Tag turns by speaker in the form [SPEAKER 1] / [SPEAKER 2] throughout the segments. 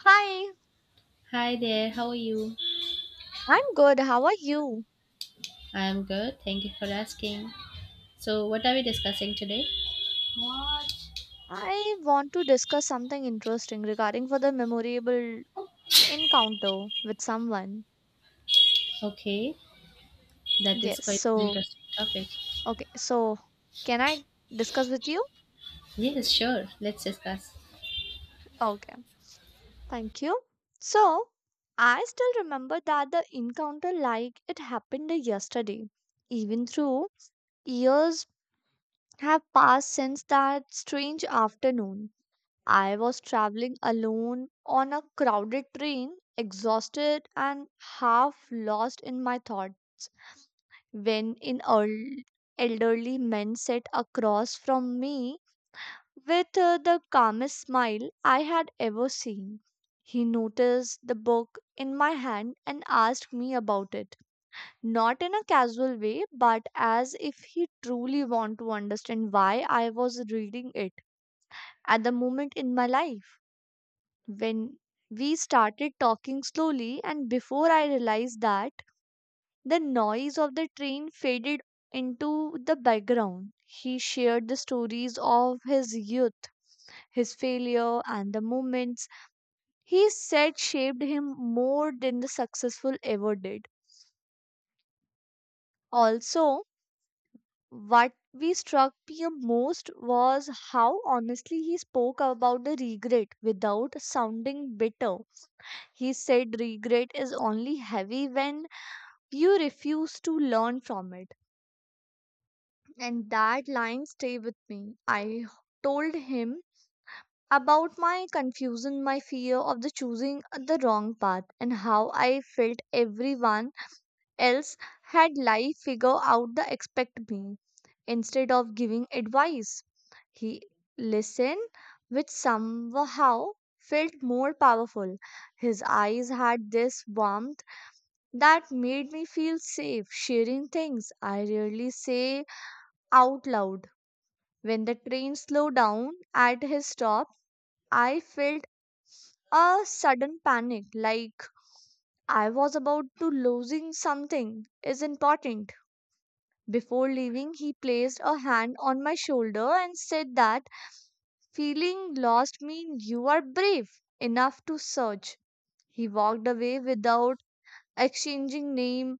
[SPEAKER 1] Hi,
[SPEAKER 2] Hi there, how are you?
[SPEAKER 1] I'm good. How are you?
[SPEAKER 2] I'm good, thank you for asking. So, what are we discussing today? What?
[SPEAKER 1] I want to discuss something interesting regarding for the memorable encounter with someone.
[SPEAKER 2] Okay, that is
[SPEAKER 1] Yes,
[SPEAKER 2] quite an
[SPEAKER 1] so
[SPEAKER 2] interesting topic.
[SPEAKER 1] okay, so can I discuss with you?
[SPEAKER 2] Yes, sure, let's discuss.
[SPEAKER 1] Okay, thank you. So I still remember that the encounter like it happened yesterday, even though years have passed since that strange afternoon. I was traveling alone on a crowded train, exhausted and half lost in my thought, when an elderly man sat across from me with the calmest smile I had ever seen. He noticed the book in my hand and asked me about it, not in a casual way, but as if he truly wanted to understand why I was reading it at the moment in my life. When we started talking slowly and before I realized that the noise of the train faded into the background, he shared the stories of his youth, his failure and the moments he said shaped him more than the successful ever did. Also, what we struck me most was how honestly he spoke about the regret without sounding bitter. He said regret is only heavy when you refuse to learn from it. And that line stayed with me. I told him about my confusion, my fear of the choosing the wrong path, and how I felt everyone else had life figure out the expect me instead of giving advice. He listened, which somehow felt more powerful. His eyes had this warmth that made me feel safe sharing things I rarely say out loud. When the train slowed down at his stop, I felt a sudden panic like I was about to losing something is important. Before leaving, he placed a hand on my shoulder and said that feeling lost means you are brave enough to search. He walked away without exchanging name,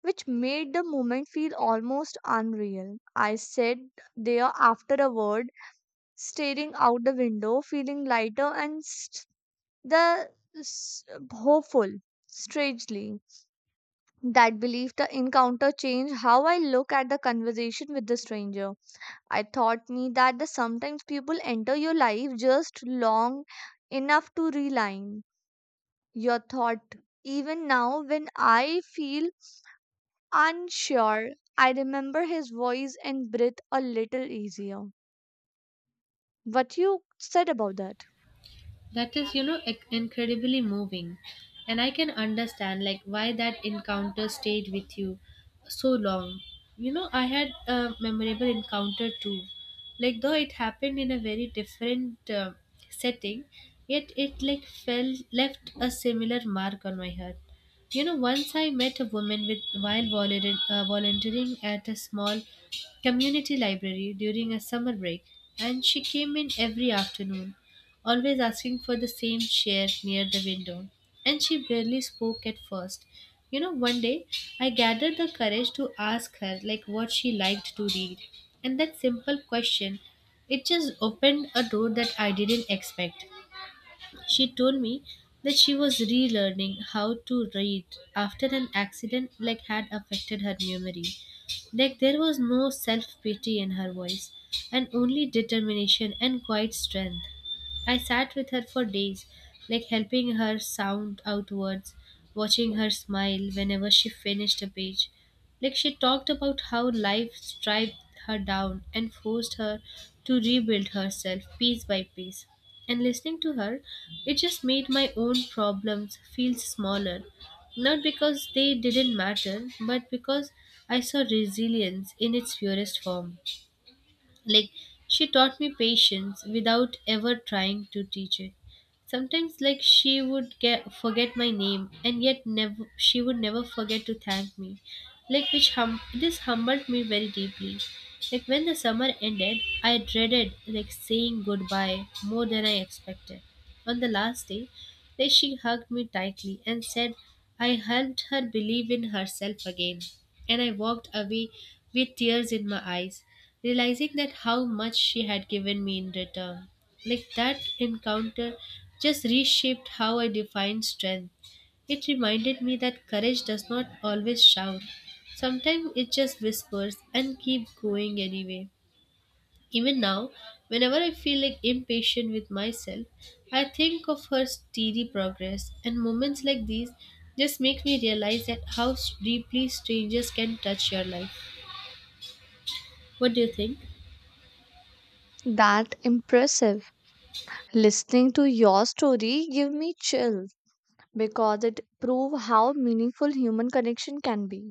[SPEAKER 1] which made the moment feel almost unreal. I sat there afterward, staring out the window, feeling lighter and the s- hopeful. Strangely, that belief the encounter changed how I look at the conversation with the stranger. I taught me that the sometimes people enter your life just long enough to realign your thought. Even now, when I feel unsure, I remember his voice and breathe a little easier. What you said about that?
[SPEAKER 2] That is, incredibly moving. And I can understand, like, why that encounter stayed with you so long. You know, I had a memorable encounter too. Like, though it happened in a very different setting, yet it, like, left a similar mark on my heart. You know, once I met a woman with while volunteering at a small community library during a summer break, and she came in every afternoon always asking for the same chair near the window, and she barely spoke at first. You know, one day I gathered the courage to ask her like what she liked to read. And that simple question, it just opened a door that I didn't expect. She told me that she was relearning how to read after an accident like had affected her memory. Like there was no self-pity in her voice and only determination and quiet strength. I sat with her for days, like helping her sound out words, watching her smile whenever she finished a page. Like she talked about how life striped her down and forced her to rebuild herself piece by piece. And listening to her, it just made my own problems feel smaller. Not because they didn't matter, but because I saw resilience in its purest form. Like she taught me patience without ever trying to teach it. Sometimes, like, she would get forget my name, and yet never she would never forget to thank me, like, which hum this humbled me very deeply. Like when the summer ended, I dreaded, like, saying goodbye more than I expected. On the last day, then she hugged me tightly and said I helped her believe in herself again. And I walked away with tears in my eyes, realizing that how much she had given me in return. Like that encounter just reshaped how I define strength. It reminded me that courage does not always shout. Sometimes it just whispers and keep going anyway. Even now, whenever I feel like impatient with myself, I think of her steady progress, and moments like these just make me realize that deeply strangers can touch your life. What do you think?
[SPEAKER 1] That impressive. Listening to your story give me chill because it prove how meaningful human connection can be,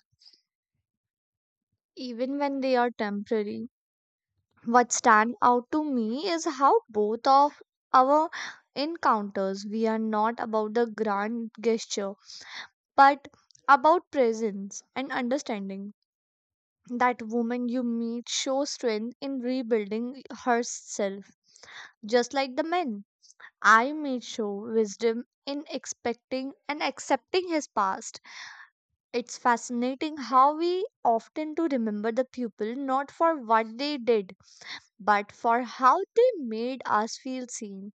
[SPEAKER 1] even when they are temporary. What stand out to me is how both of our encounters we are not about the grand gesture but about presence and understanding. That woman you meet shows strength in rebuilding herself, just like the men I meet show wisdom in expecting and accepting his past. It's fascinating how we often to remember the people not for what they did but for how they made us feel seen.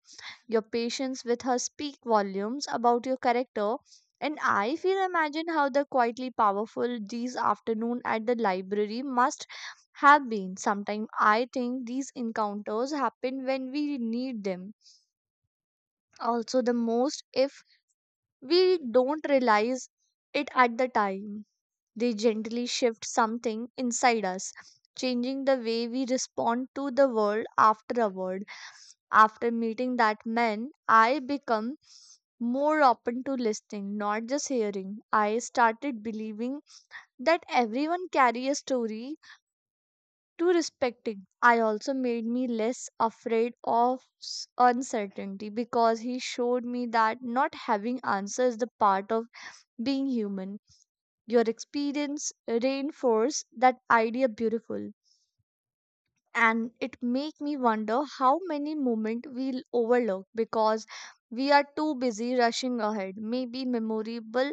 [SPEAKER 1] Your patience with her speak volumes about your character, and I feel imagine how the quietly powerful these afternoon at the library must have been. Sometimes I think these encounters happen when we need them. Also, the most if we don't realize it at the time. They gently shift something inside us, changing the way we respond to the world afterward. After meeting that man, I become more open to listening, not just hearing. I started believing that everyone carry a story to respecting. I also made me less afraid of uncertainty because he showed me that not having answers is the part of being human. Your experience reinforced that idea beautiful. And it make me wonder how many moments we overlook because we are too busy rushing ahead. Maybe memorable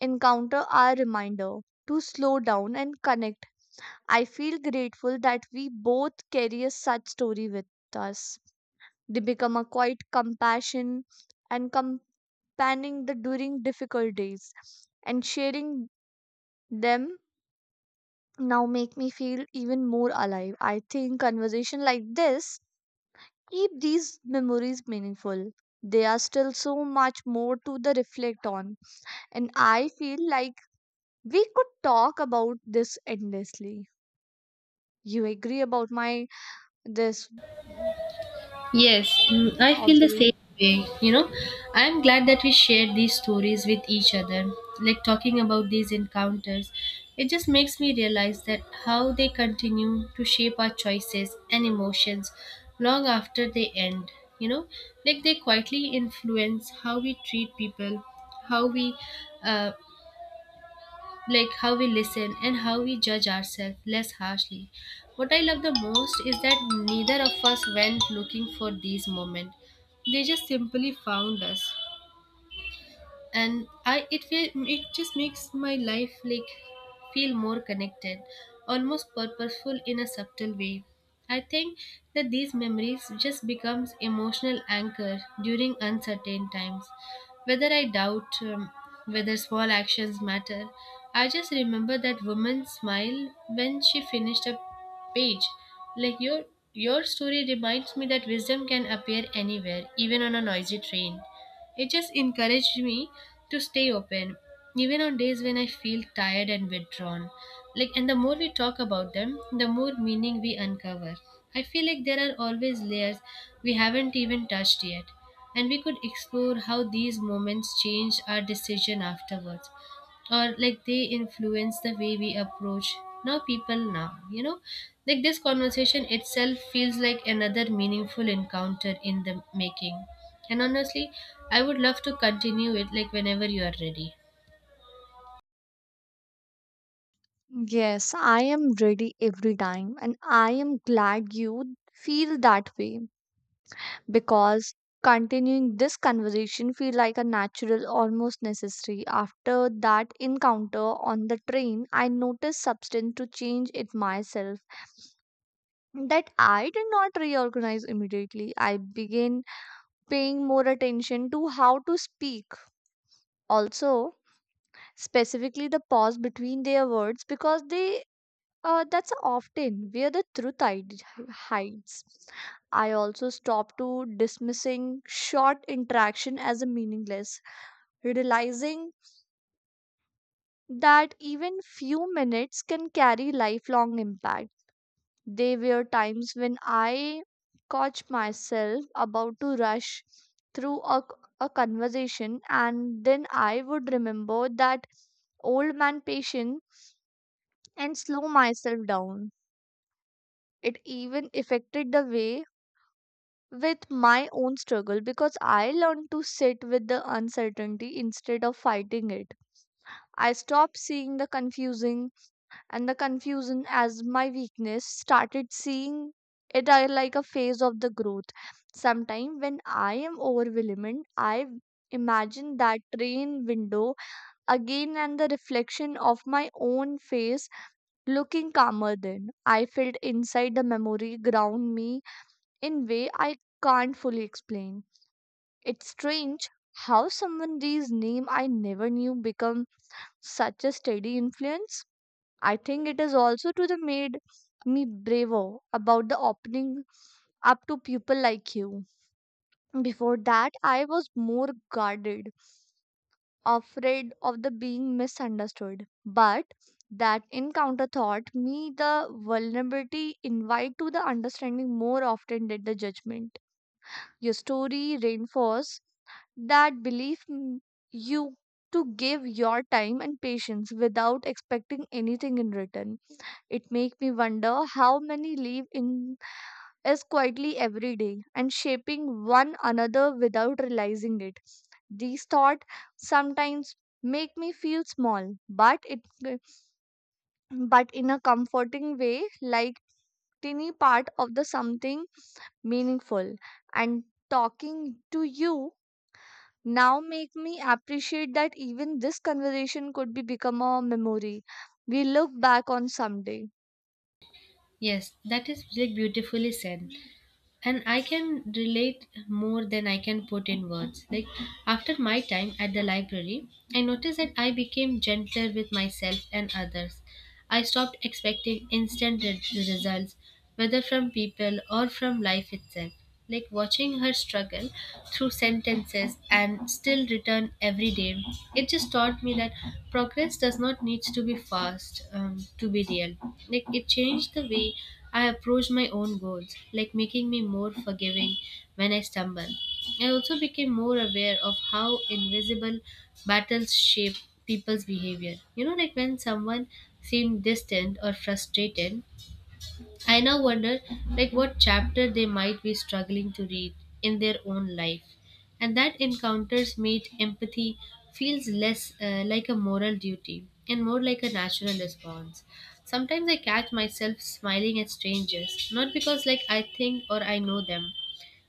[SPEAKER 1] encounter are reminder to slow down and connect. I feel grateful that we both carry a such story with us. They become a quiet compassion and companion the during difficult days, and sharing them now make me feel even more alive. I think conversation like this keep these memories meaningful. They are still so much more to the reflect on, and I feel like we could talk about this endlessly. You agree about my this mm,
[SPEAKER 2] Yes, mm, I feel the
[SPEAKER 1] observation?
[SPEAKER 2] same way. You know, I'm glad that we share these stories with each other. Like talking about these encounters, it just makes me realize that how they continue to shape our choices and emotions long after they end. You know, like they quietly influence how we treat people, how we uh, like how we listen and how we judge ourselves less harshly. What I love the most is that neither of us went looking for these moments. They just simply found us, and it just makes my life like feel more connected, almost purposeful in a subtle way. I think that these memories just becomes emotional anchor during uncertain times. Whether I doubt whether small actions matter, I just remember that woman's smile when she finished a page. Like your story reminds me that wisdom can appear anywhere, even on a noisy train. It just encouraged me to stay open, even on days when I feel tired and withdrawn. Like, and the more we talk about them, the more meaning we uncover. I feel like there are always layers we haven't even touched yet, and we could explore how these moments change our decision afterwards, or like they influence the way we approach now people now, you know, like this conversation itself feels like another meaningful encounter in the making. And honestly, I would love to continue it, like, whenever you are ready.
[SPEAKER 1] Yes, I am ready every time, and I am glad you feel that way because continuing this conversation feel like a natural almost necessary. After that encounter on the train, I noticed substance to change it myself that I did not reorganize immediately. I began paying more attention to how to speak. Also, specifically the pause between their words because they that's often where the hides. I also stopped to dismissing short interaction as a meaningless, realizing that even few minutes can carry lifelong impact. There were times when I caught myself about to rush through a conversation, and then I would remember that old man patient and slow myself down. It even affected the way with my own struggle because I learned to sit with the uncertainty instead of fighting it. I stopped seeing the confusing and the confusion as my weakness, started seeing it are like a phase of the growth. Sometime when I am overwhelmed, I imagine that train window again, and the reflection of my own face looking calmer then I felt inside. The memory ground me in way I can't fully explain. It's strange how someone these name I never knew become such a steady influence. I think it is also to the made me braver about the opening up to people like you. Before that, I was more guarded, afraid of the being misunderstood. But that encounter taught me the vulnerability invite to the understanding more often than the judgment. Your story reinforces that belief. You to give your time and patience without expecting anything in return. It makes me wonder how many live in us quietly every day and shaping one another without realizing it. These thoughts sometimes make me feel small, but it but in a comforting way, like tiny part of the something meaningful. And talking to you now make me appreciate that even this conversation could be become a memory we look back on someday.
[SPEAKER 2] Yes, that is, like, beautifully said, and I can relate more than I can put in words. Like, after my time at the library, I noticed that I became gentle with myself and others. I stopped expecting results, whether from people or from life itself. Like watching her struggle through sentences and still return every day, it just taught me that progress does not need to be fast to be real. Like it changed the way I approach my own goals, like making me more forgiving when I stumble. I also became more aware of how invisible battles shape people's behavior. You know, like when someone seem distant or frustrated, I now wonder like what chapter they might be struggling to read in their own life. And that encounters made empathy feels less like a moral duty and more like a natural response. Sometimes I catch myself smiling at strangers, not because like I think or I know them,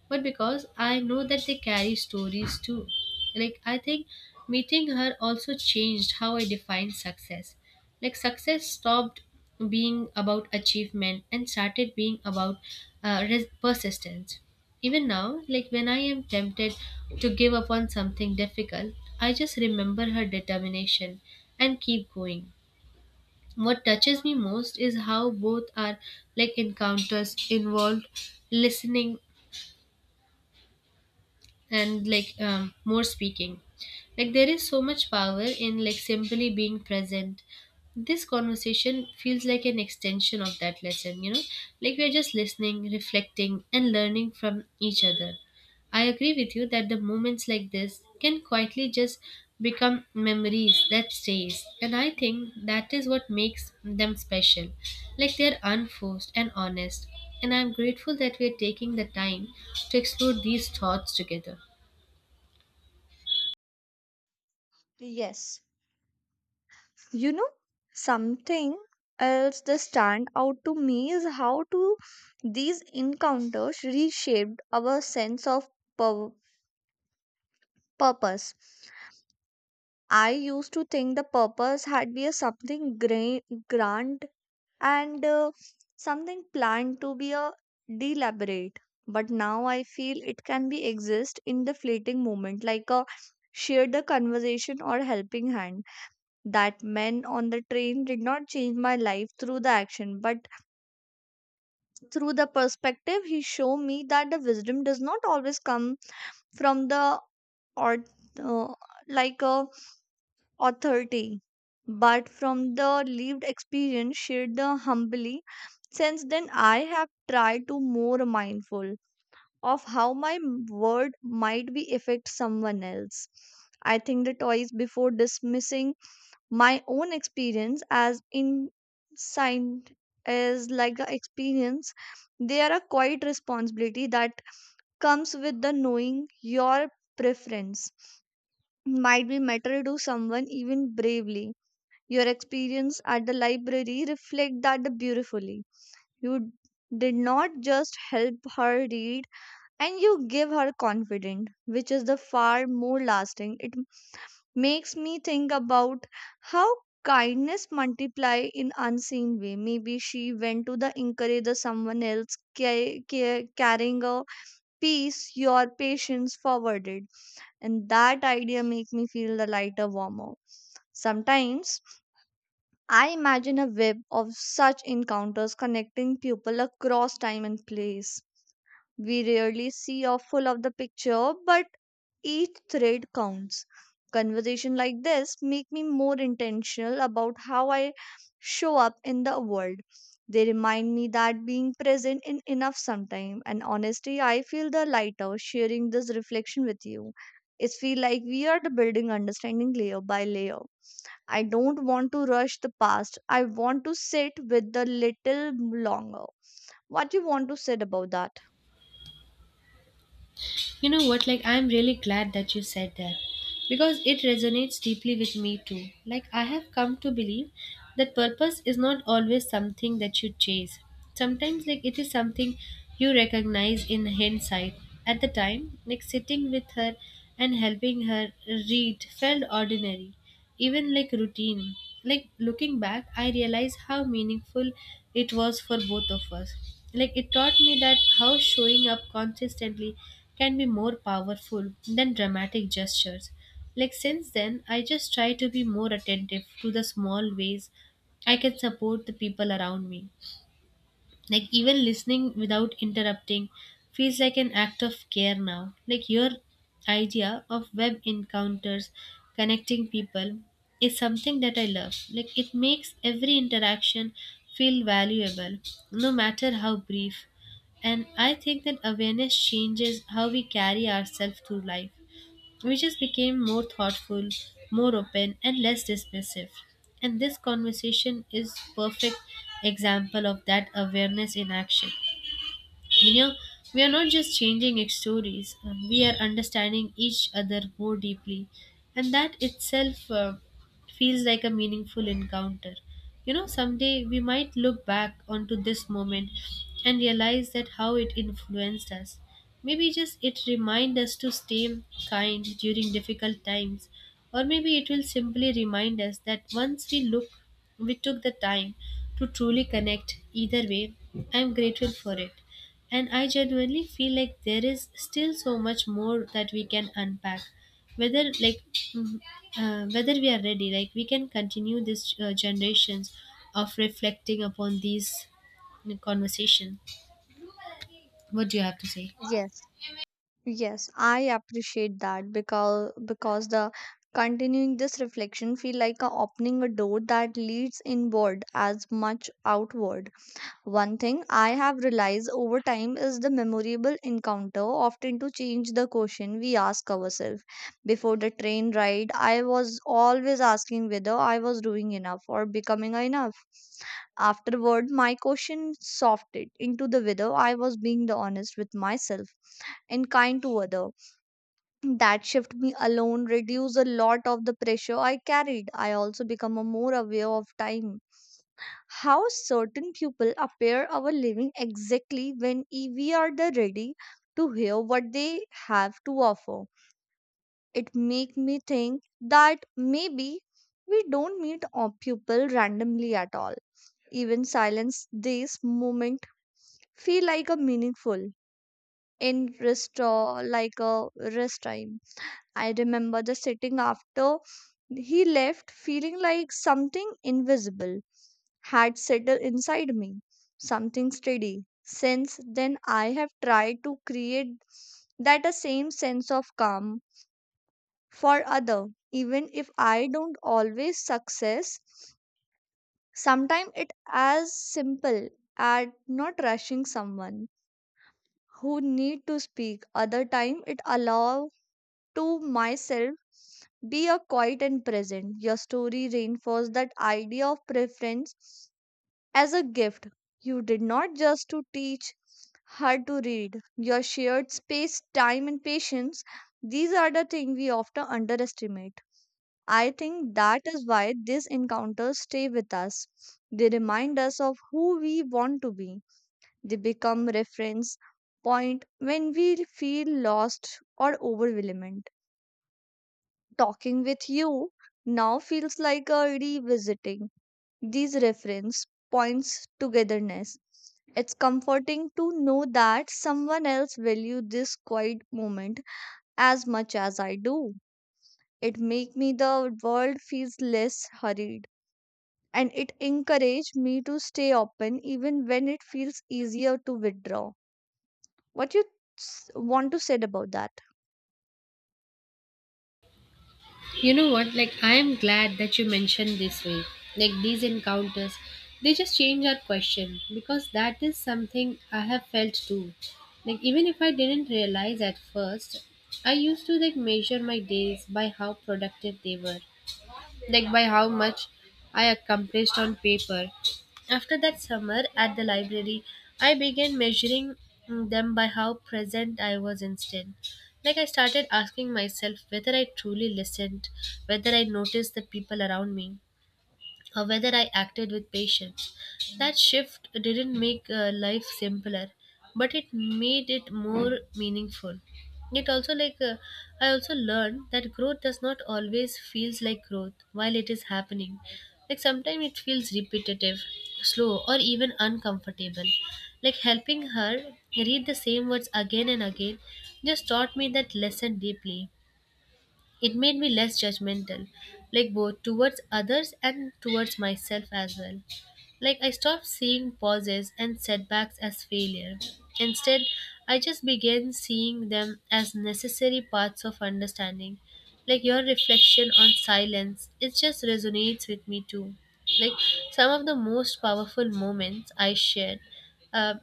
[SPEAKER 2] but because I know that they carry stories too. Like, I think meeting her also changed how I define success. Like, success stopped being about achievement and started being about persistence. Even now, like when I am tempted to give up on something difficult, I just remember her determination and keep going. What touches me most is how both are, like, encounters involved listening and, like, more speaking. Like there is so much power in, like, simply being present. This conversation feels like an extension of that lesson, you know. Like we are just listening, reflecting, and learning from each other. I agree with you that the moments like this can quietly just become memories that stays, and I think that is what makes them special. Like they are unforced and honest, and I'm grateful that we are taking the time to explore these thoughts together.
[SPEAKER 1] Yes. You know, something else that stand out to me is how to these encounters reshaped our sense of pur- purpose. I used to think the purpose had be a something grand and something planned to be a deliberate. But now I feel it can be exist in the fleeting moment, like a share the conversation or helping hand. That man on the train did not change my life through the action, but through the perspective. He showed me that the wisdom does not always come from the or uh, like a authority, but from the lived experience shared the humbly. Since then, I have tried to more mindful of how my word might be affect someone else. I think the toys before dismissing my own experience as insight is like the experience. They are a quiet responsibility that comes with the knowing your preference might be matter to someone even bravely. Your experience at the library reflect that beautifully. You did not just help her read, and you give her confidence which is the far more lasting. It makes me think about how kindness multiply in unseen way. Maybe she went to the encourage the someone else carrying a piece your patience forwarded, and that idea make me feel the lighter warmer. Sometimes I imagine a web of such encounters connecting people across time and place. We rarely see a full of the picture, but each thread counts. Conversation like this make me more intentional about how I show up in the world. They remind me that being present in enough sometime, and honestly I feel the lighter sharing this reflection with you. It feel like we are the building understanding layer by layer. I don't want to rush the past. I want to sit with the little longer. What you want to say about that?
[SPEAKER 2] You know what? Like, I'm really glad that you said that because it resonates deeply with me too. Like, I have come to believe that purpose is not always something that you chase. Sometimes, like, it is something you recognize in hindsight. At the time, like, sitting with her and helping her read felt ordinary, even like routine. Like looking back, I realize how meaningful it was for both of us. Like it taught me that how showing up consistently can be more powerful than dramatic gestures. Like since then, I just try to be more attentive to the small ways I can support the people around me, like even listening without interrupting feels like an act of care now. Like your idea of web encounters connecting people is something that I love. Like it makes every interaction feel valuable, no matter how brief, and I think that awareness changes how we carry ourselves through life. We just became more thoughtful, more open, and less dismissive. And this conversation is perfect example of that awareness in action. We are, we are not just stories, we are understanding each other more deeply, and that itself feels like a meaningful encounter. You know, someday we might look back onto this moment and realize that how it influenced us. Maybe just it remind us to stay kind during difficult times, or maybe it will simply remind us that once we look, we took the time to truly connect. Either way, I am grateful for it. And I genuinely feel like there is still so much more that we can unpack. Whether like mm, whether we are ready, like we can continue this generations of reflecting upon these conversation. What do you have to say?
[SPEAKER 1] Yes, yes, I appreciate that because the continuing this reflection feel like a opening a door that leads inward as much outward. One thing I have realized over time is the memorable encounter often to change the question we ask ourselves. Before the train ride, I was always asking whether I was doing enough or becoming enough. Afterward, my question softened into the whether I was being the honest with myself and kind to other. That shift me alone reduced a lot of the pressure I carried. I also become a more aware of time. How certain people appear our living exactly when we are the ready to hear what they have to offer. It make me think that maybe we don't meet all people randomly at all. Even silence this moment feel like a meaningful in restore like a rest time. I remember the sitting after he left, feeling like something invisible had settled inside me, something steady. Since then, I have tried to create that a same sense of calm for other, even if I don't always success. Sometimes it as simple at not rushing someone who need to speak. Other time it allow to myself, be a quiet and present. Your story reinforced that idea of preference as a gift. You did not just to teach her to read. Your shared space, time, and patience. These are the things we often underestimate. I think that is why these encounters stay with us. They remind us of who we want to be. They become reference point when we feel lost or overwhelmed. Talking with you now feels like a revisiting these reference points togetherness. It's comforting to know that someone else value this quiet moment as much as I do. It make me the world feels less hurried, and it encourage me to stay open even when it feels easier to withdraw. What you want to say about that?
[SPEAKER 2] You know what? Like, I am glad that you mentioned this way. Like, these encounters, they just change our question because that is something I have felt too. Like, even if I didn't realize at first, I used to like measure my days by how productive they were, like by how much I accomplished on paper. After that summer at the library, I began measuring them by how present I was instead. Like I started asking myself whether I truly listened, whether I noticed the people around me, or whether I acted with patience. That shift didn't make life simpler, but it made it more meaningful. It also like I also learned that growth does not always feels like growth while it is happening. Like sometimes it feels repetitive, slow, or even uncomfortable. Like helping her read the same words again and again just taught me that lesson deeply. It made me less judgmental, like both towards others and towards myself as well. Like I stopped seeing pauses and setbacks as failure. Instead, I just began seeing them as necessary parts of understanding. Like your reflection on silence, it just resonates with me too. Like some of the most powerful moments Uh,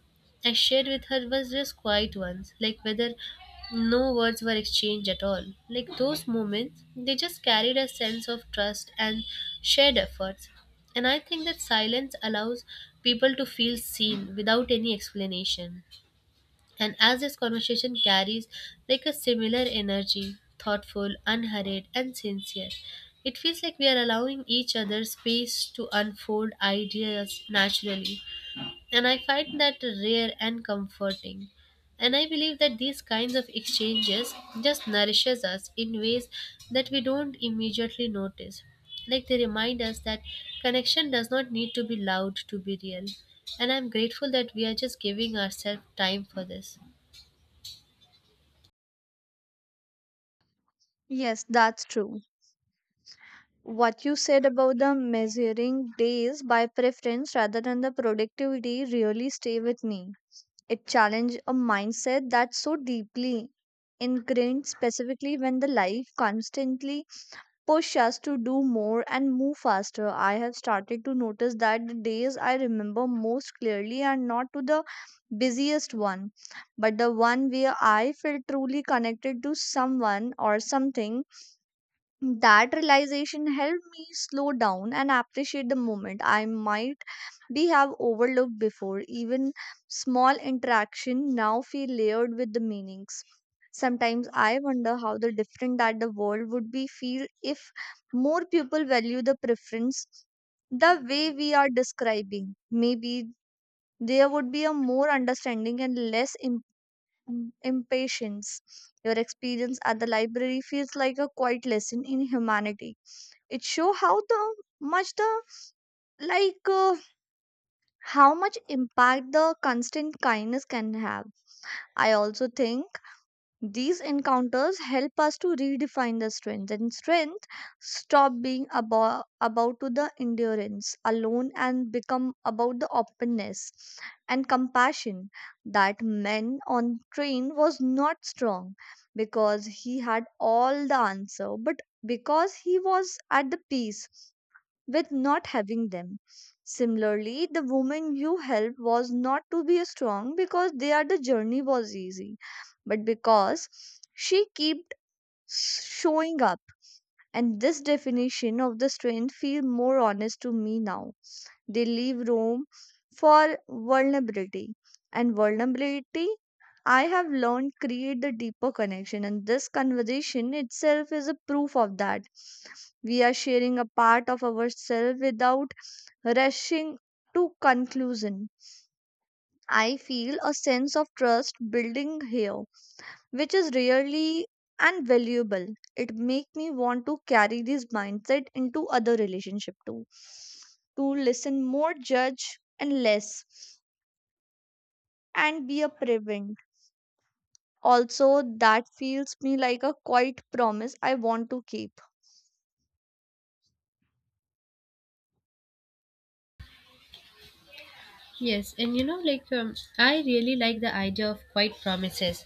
[SPEAKER 2] I shared with her was just quiet ones, like whether no words were exchanged at all. Like those moments, they just carried a sense of trust and shared efforts. And I think that silence allows people to feel seen without any explanation. And as this conversation carries like a similar energy, thoughtful, unhurried, and sincere, it feels like we are allowing each other space to unfold ideas naturally, and I find that rare and comforting. And I believe that these kinds of exchanges just nourishes us in ways that we don't immediately notice. Like they remind us that connection does not need to be loud to be real. And I'm grateful that we are just giving ourselves time for this.
[SPEAKER 1] Yes, that's true. What you said about the measuring days by preference rather than the productivity really stay with me. It challenged a mindset that's so deeply ingrained, specifically when the life constantly push us to do more and move faster. I have started to notice that the days I remember most clearly are not to the busiest one, but the one where I felt truly connected to someone or something. That realization helped me slow down and appreciate the moment I might be have overlooked before. Even small interaction now feel layered with the meanings. Sometimes I wonder how the different that the world would be feel if more people value the preference the way we are describing. Maybe there would be a more understanding and less impatience. Your experience at the library feels like a quiet lesson in humanity. It show how the much the like uh, how much impact the constant kindness can have. I also think these encounters help us to redefine the strength, and strength stop being about to the endurance alone and become about the openness and compassion. That man on train was not strong because he had all the answer, but because he was at the peace with not having them. Similarly, the woman you help was not to be strong because their the journey was easy, but because she kept showing up. And this definition of the strength feel more honest to me now. They leave room for vulnerability, and vulnerability, I have learned, create the deeper connection, and this conversation itself is a proof of that. We are sharing a part of ourselves without rushing to conclusion. I feel a sense of trust building here, which is really and valuable. It make me want to carry this mindset into other relationship too, to listen more, judge and less, and be a prevent. Also, that feels me like a quiet promise I want to keep.
[SPEAKER 2] Yes, and you know, like I really like the idea of quiet promises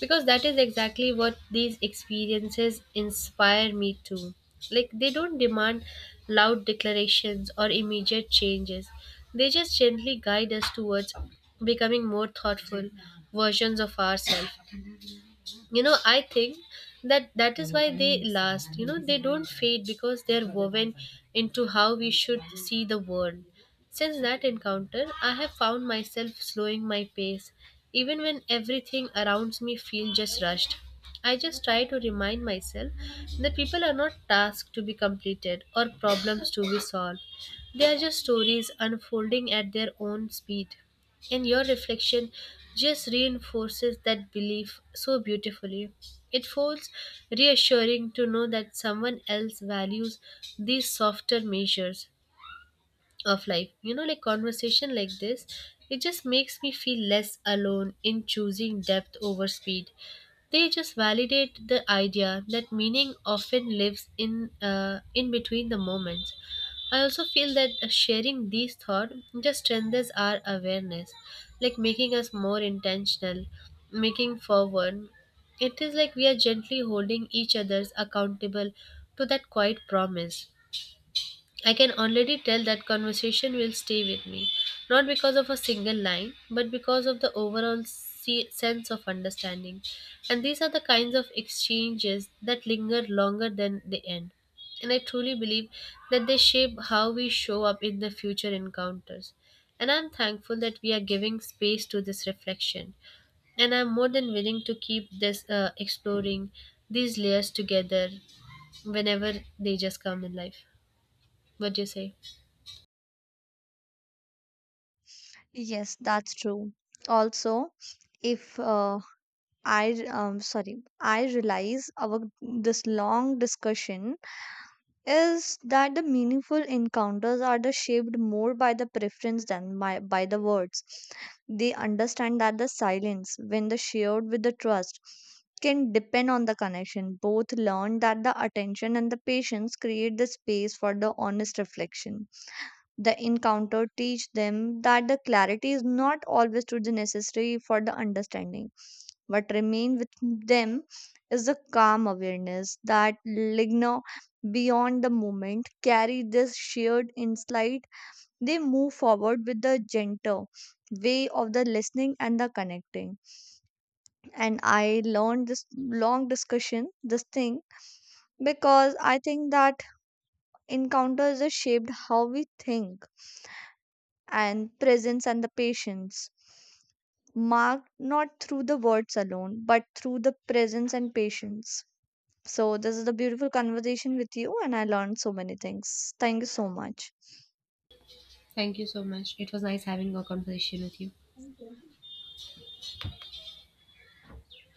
[SPEAKER 2] because that is exactly what these experiences inspire me to. Like, they don't demand loud declarations or immediate changes, they just gently guide us towards becoming more thoughtful versions of ourselves. You know, I think that is why they last. You know, they don't fade because they're woven into how we should see the world. Since that encounter, I have found myself slowing my pace even when everything around me feels just rushed. I just try to remind myself that people are not tasks to be completed or problems to be solved. They are just stories unfolding at their own speed, and your reflection just reinforces that belief so beautifully. It feels reassuring to know that someone else values these softer measures of life. You know, like conversation like this, it just makes me feel less alone in choosing depth over speed. They just validate the idea that meaning often lives in between the moments. I also feel that sharing these thoughts just strengthens our awareness, like making us more intentional, making forward. It is like we are gently holding each other's accountable to that quiet promise. I can already tell that conversation will stay with me, not because of a single line, but because of the overall sense of understanding. And these are the kinds of exchanges that linger longer than they end. And I truly believe that they shape how we show up in the future encounters. And I'm thankful that we are giving space to this reflection, and I'm more than willing to keep this exploring these layers together whenever they just come in life. What do you say?
[SPEAKER 1] Yes, that's true. Also, if I sorry, I realize our this long discussion is that the meaningful encounters are the shaped more by the preference than by the words. They understand that the silence, when the shared with the trust, can depend on the connection. Both learn that the attention and the patience create the space for the honest reflection. The encounter teach them that the clarity is not always to the necessary for the understanding. What remains with them is a calm awareness that linger beyond the moment, carry this shared insight. They move forward with the gentle way of the listening and the connecting. And I learned this long discussion, this thing, because I think that encounters are shaped how we think and presence and the patience. Marked not through the words alone, but through the presence and patience. So, this is a beautiful conversation with you, and I learned so many things. Thank you so much.
[SPEAKER 2] Thank you so much. It was nice having a conversation with you.